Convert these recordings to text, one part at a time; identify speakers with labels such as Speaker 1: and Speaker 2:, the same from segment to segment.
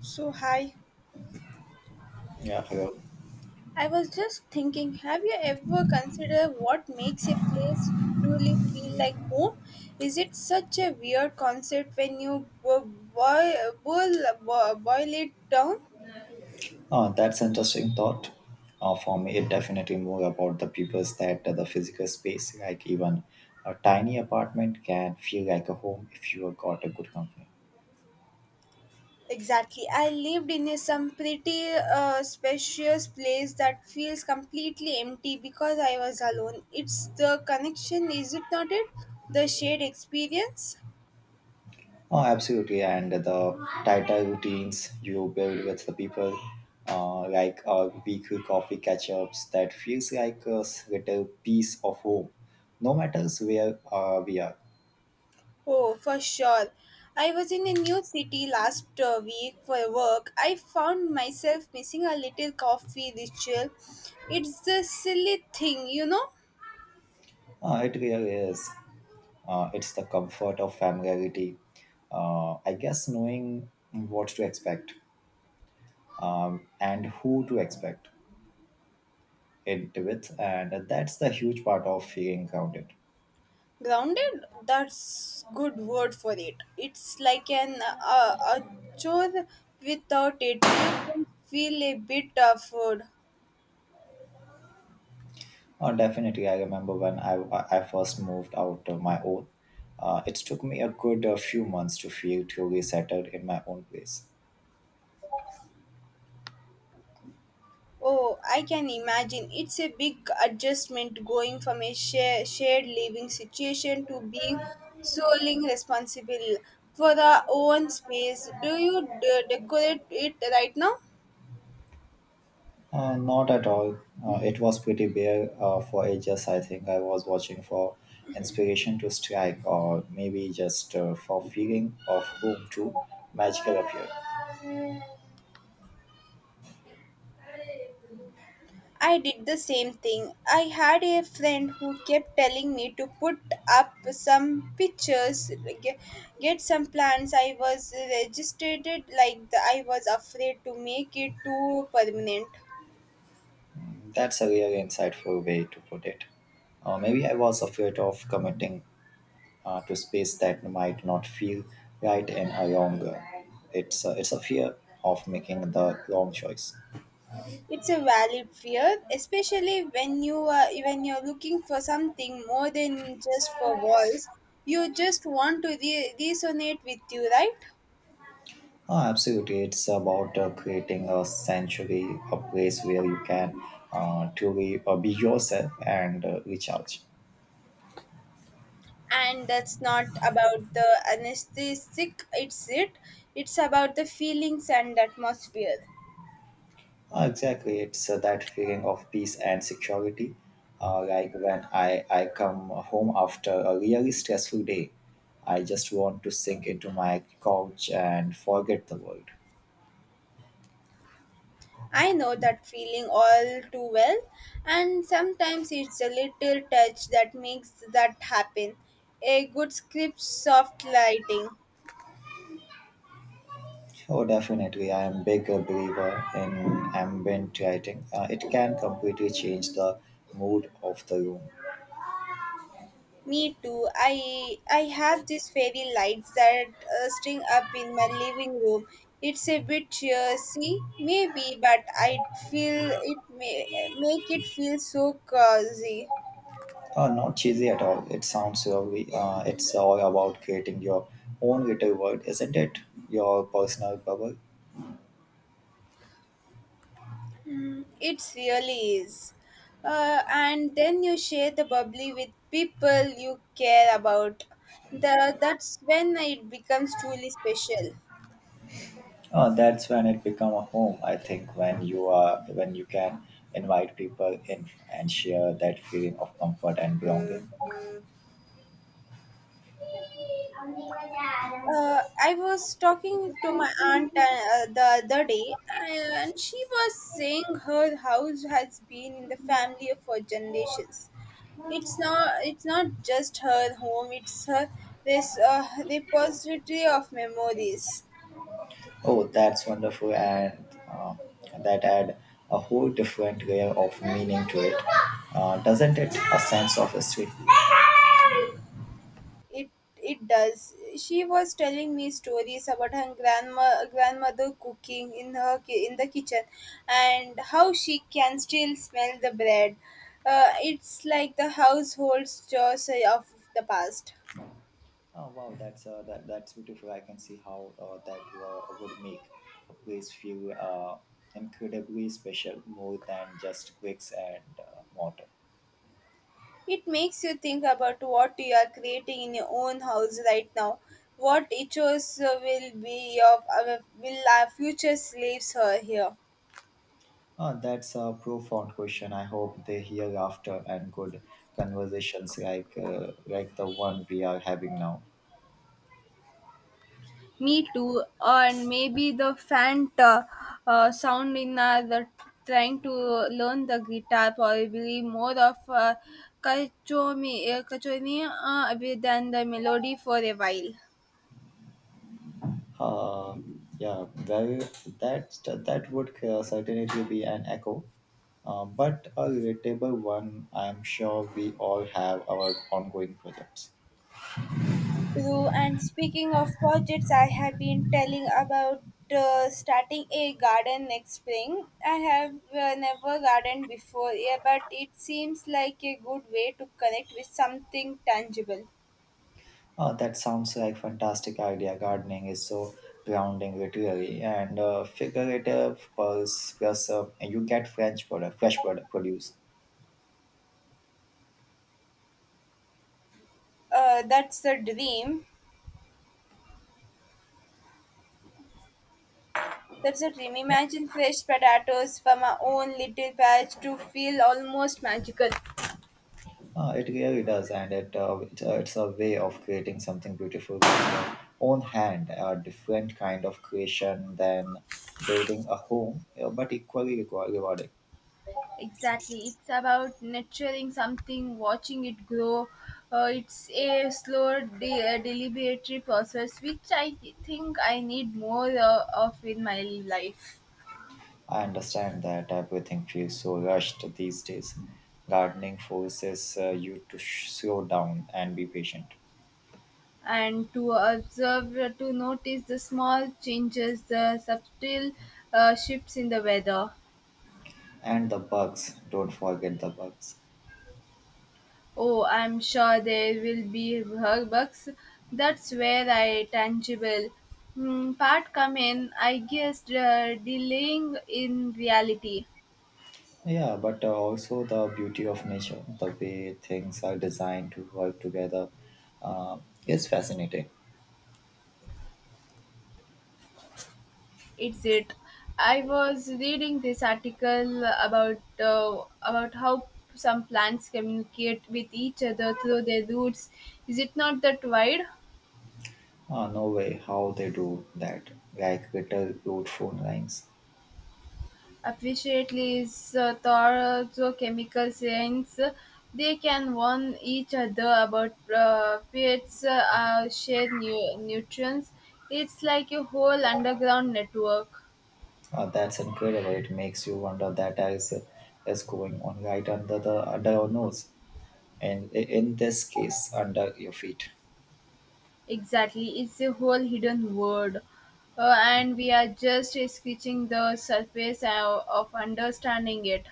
Speaker 1: So, hi.
Speaker 2: Yeah, hello.
Speaker 1: I was just thinking, have you ever considered what makes a place truly feel like home? Is it such a weird concept when you boil, boil it down?
Speaker 2: That's interesting thought. For me, it definitely more about the peoples that the physical space, like even a tiny apartment, can feel like a home if you have got a good company.
Speaker 1: Exactly. I lived in a, some pretty spacious place that feels completely empty because I was alone. It's the connection, is it not it? The shared experience?
Speaker 2: Oh, absolutely. And the tighter routines you build with the people, like weekly coffee catch-ups, that feels like a little piece of home, no matter where we are.
Speaker 1: Oh, for sure. I was in a new city last week for work. I found myself missing a little coffee ritual. It's a silly thing, you know?
Speaker 2: It really is. It's the comfort of familiarity. I guess knowing what to expect and who to expect it with, and that's the huge part of feeling grounded.
Speaker 1: Grounded? That's good word for it. It's like an a chore without it. You can feel a bit of food.
Speaker 2: Definitely, I remember when I first moved out of my own. It took me a good few months to feel truly settled in my own place.
Speaker 1: Oh, I can imagine. It's a big adjustment going from a shared living situation to being solely responsible for the own space. Do you decorate it right now?
Speaker 2: Not at all. It was pretty bare for ages. I think I was watching for inspiration to strike, or maybe just for feeling of whom to magical appear.
Speaker 1: I did the same thing. I had a friend who kept telling me to put up some pictures, get, get some plants. I was registered like the, I was afraid to make it too permanent.
Speaker 2: That's a really insightful way to put it. Maybe I was afraid of committing to space that might not feel right in a long run. It's a fear of making the wrong choice.
Speaker 1: It's a valid fear, especially when you are when you're looking for something more than just for walls. You just want to resonate with you, right?
Speaker 2: Oh, absolutely. It's about creating a sanctuary, a place where you can truly be yourself and recharge.
Speaker 1: And that's not about the anesthetic. It's it. It's about the feelings and atmosphere.
Speaker 2: Exactly. It's that feeling of peace and security. Like when I come home after a really stressful day, I just want to sink into my couch and forget the world.
Speaker 1: I know that feeling all too well, and sometimes it's a little touch that makes that happen. A good script, soft lighting.
Speaker 2: Oh, definitely. I am big a believer in ambient writing. It can completely change the mood of the room.
Speaker 1: Me too. I have these fairy lights that string up in my living room. It's a bit cheersy, maybe, but I feel it may make it feel so cozy.
Speaker 2: Not cheesy at all. It sounds lovely. It's all about creating your own little world, isn't it? Your personal bubble.
Speaker 1: It really is. And then you share the bubbly with people you care about. That's when it becomes truly special.
Speaker 2: That's when it become a home. I think when you are when you can invite people in and share that feeling of comfort and belonging.
Speaker 1: I was talking to my aunt the other day, and she was saying her house has been in the family for generations. It's not just her home. It's her this repository of memories.
Speaker 2: Oh, that's wonderful, and uh, that add a whole different layer of meaning to it, doesn't it? A sense of history.
Speaker 1: It it does. She was telling me stories about her grandma grandmother cooking in her in the kitchen, and how she can still smell the bread. It's like the household chores of the past.
Speaker 2: Oh wow, that's beautiful. I can see how that would make a place feel incredibly special, more than just bricks and mortar.
Speaker 1: It makes you think about what you are creating in your own house right now. What it shows will be of our will our future slaves her here.
Speaker 2: That's a profound question. I hope they hear after and good conversations like the one we are having now.
Speaker 1: Me too, and maybe the faint sound in the trying to learn the guitar probably more of kachomi, kachoni than the melody for a while.
Speaker 2: Uh, yeah, well, that that would certainly be an echo, but a relatable one. I'm sure we all have our ongoing projects.
Speaker 1: True, and speaking of projects, I have been telling about starting a garden next spring. I have never gardened before, yeah, but it seems like a good way to connect with something tangible.
Speaker 2: Oh, that sounds like fantastic idea. Gardening is so grounding, literally, and figurative pulse plus you get French product, fresh product produce.
Speaker 1: That's the dream. That's a dream. Imagine fresh potatoes from our own little patch to feel almost magical.
Speaker 2: It really does, and it's a way of creating something beautiful with your own hand, a different kind of creation than building a home, but equally rewarding.
Speaker 1: Exactly. It's about nurturing something, watching it grow. It's a slow, deliberate process, which I think I need more of in my life.
Speaker 2: I understand that everything feels so rushed these days. Gardening forces you to slow down and be patient.
Speaker 1: And to observe, to notice the small changes, the subtle shifts in the weather.
Speaker 2: And the bugs, don't forget the bugs.
Speaker 1: Oh, I'm sure there will be bugs. That's where I tangible part come in. I guess delaying in reality.
Speaker 2: Yeah, but also the beauty of nature, the way things are designed to work together uh, is fascinating.
Speaker 1: It's it. I was reading this article about how some plants communicate with each other through their roots. Is it not that wide?
Speaker 2: No way, how they do that, like little cute phone lines.
Speaker 1: Appreciately is thorough chemical science. They can warn each other about pets' shared nutrients. It's like a whole underground network.
Speaker 2: That's incredible. It makes you wonder that as is going on right under the under your nose, and in this case under your feet.
Speaker 1: Exactly, it's a whole hidden world, and we are just scratching the surface of understanding it.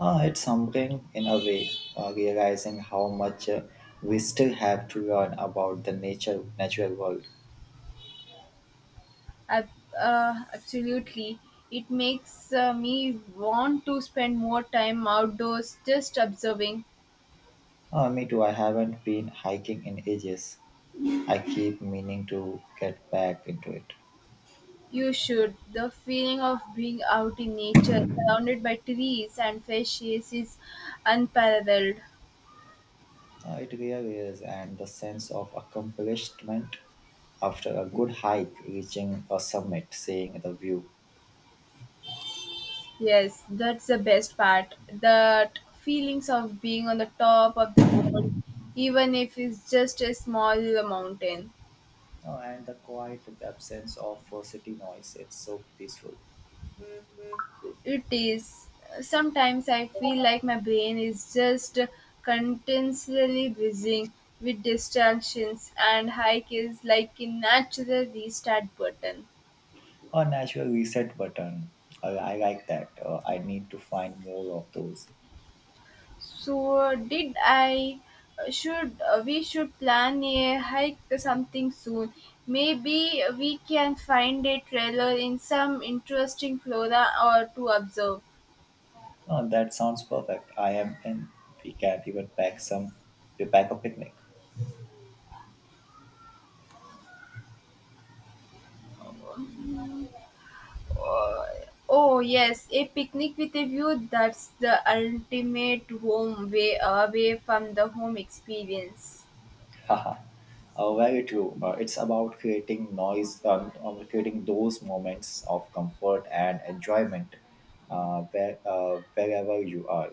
Speaker 2: It's humbling in a way, realizing how much we still have to learn about the nature natural world.
Speaker 1: Ab- Absolutely, it makes me want to spend more time outdoors, just observing.
Speaker 2: Me too. I haven't been hiking in ages. I keep meaning to get back into it.
Speaker 1: You should. The feeling of being out in nature, surrounded by trees and fresh air, is unparalleled.
Speaker 2: It really is, and the sense of accomplishment after a good hike, reaching a summit, seeing the view,
Speaker 1: Yes, that's the best part. That feelings of being on the top of the world, even if it's just a small mountain.
Speaker 2: and the quiet absence of city noise. It's so peaceful.
Speaker 1: It is. Sometimes I feel like my brain is just continuously buzzing with distractions, and hike is like a natural restart button.
Speaker 2: A natural reset button. I like that. I need to find more of those.
Speaker 1: So did I should we should plan a hike something soon. Maybe we can find a trailer in some interesting flora or to observe.
Speaker 2: Oh, that sounds perfect. I am in. We can even pack some. We pack a picnic.
Speaker 1: Oh, oh yes, a picnic with a view that's the ultimate home way away from the home experience.
Speaker 2: Haha. Very true. It's about creating creating those moments of comfort and enjoyment wherever you are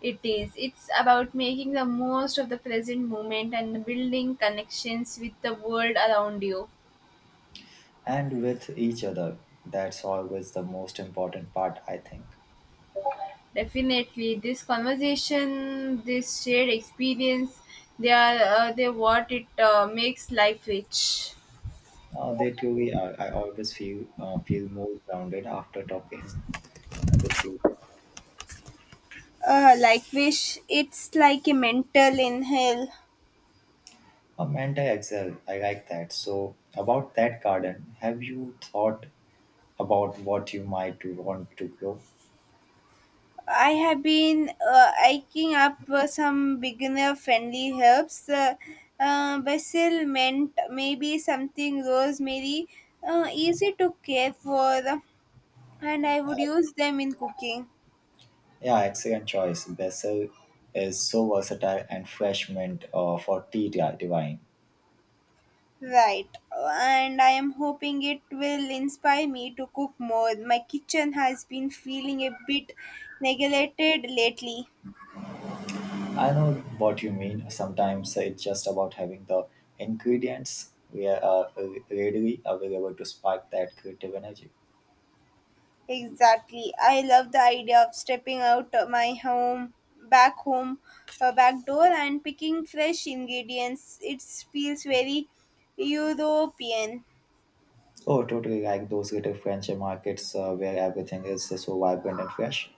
Speaker 1: It is. It's about making the most of the present moment and building connections with the world around you.
Speaker 2: and with each other. That's always the most important part, I think.
Speaker 1: Definitely, this conversation, this shared experience, they are they what it makes life rich.
Speaker 2: They too, I always feel feel more grounded after talking with you.
Speaker 1: Like wish it's like a mental inhale.
Speaker 2: And I excel. I like that. So about that garden, have you thought about what you might to want to grow?
Speaker 1: I have been hiking up some beginner friendly herbs. Basil, mint, maybe something rosemary. Easy to care for, and I would use them in cooking.
Speaker 2: Yeah, excellent choice. Basil is so versatile and fresh mint for tea divine.
Speaker 1: Right, and I am hoping it will inspire me to cook more. My kitchen has been feeling a bit neglected lately.
Speaker 2: I know what you mean. Sometimes it's just about having the ingredients we are uh, readily available to spark that creative energy.
Speaker 1: Exactly. I love the idea of stepping out of my home, back door, and picking fresh ingredients. It feels very European.
Speaker 2: Oh, totally like those little French markets where everything is so vibrant and fresh.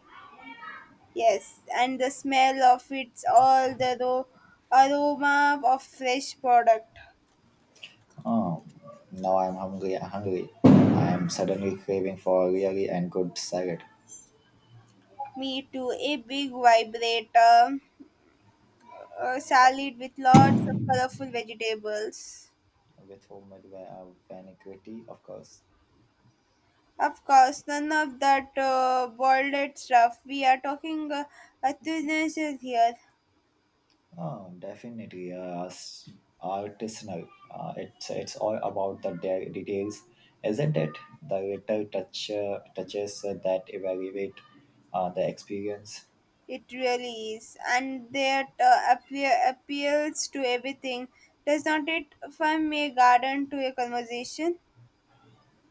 Speaker 1: Yes, and the smell of it's all the aroma of fresh product.
Speaker 2: Oh, now I'm hungry. I'm suddenly craving for a really and good salad
Speaker 1: Me too. A big vibrator salad with lots of colorful vegetables.
Speaker 2: with homemade vinaigrette, of course.
Speaker 1: Of course, none of that boiled stuff. We are talking a Tunisian here.
Speaker 2: Oh, definitely. Artisanal. It's all about the details, isn't it? The little touches that elevate the experience.
Speaker 1: It really is, and that appeals to everything. Does not it from a garden to a conversation?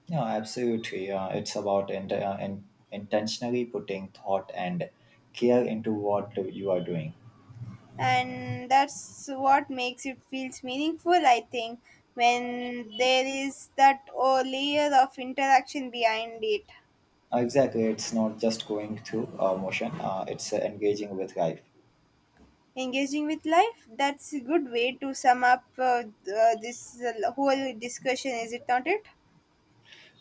Speaker 2: Yeah, absolutely. It's about intentionally putting thought and care into what you are doing.
Speaker 1: And that's what makes it feels meaningful, I think, when there is that oh, layer of interaction behind it.
Speaker 2: Exactly. It's not just going through motion, it's engaging with life.
Speaker 1: Engaging with life. That's a good way to sum up this whole discussion, is it not it?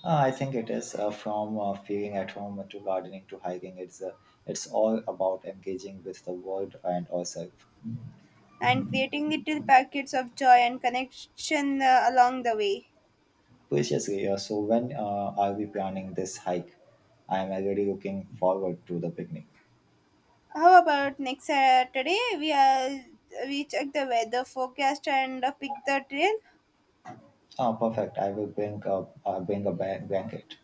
Speaker 2: I think it is from feeling at home to gardening to hiking. It's all about engaging with the world and ourselves.
Speaker 1: And creating little packets of joy and connection along the way.
Speaker 2: Preciously. So when are we planning this hike? I am already looking forward to the picnic.
Speaker 1: How about next Saturday? We check the weather forecast and pick the trail.
Speaker 2: Oh, perfect. I will bring a blanket.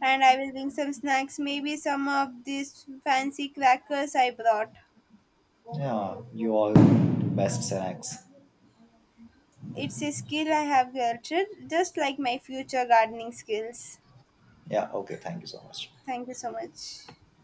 Speaker 1: And I will bring some snacks, maybe some of these fancy crackers I brought.
Speaker 2: Yeah, you all do best snacks.
Speaker 1: It's a skill I have nurtured, just like my future gardening skills.
Speaker 2: Yeah, okay, thank you so much.
Speaker 1: Thank you so much.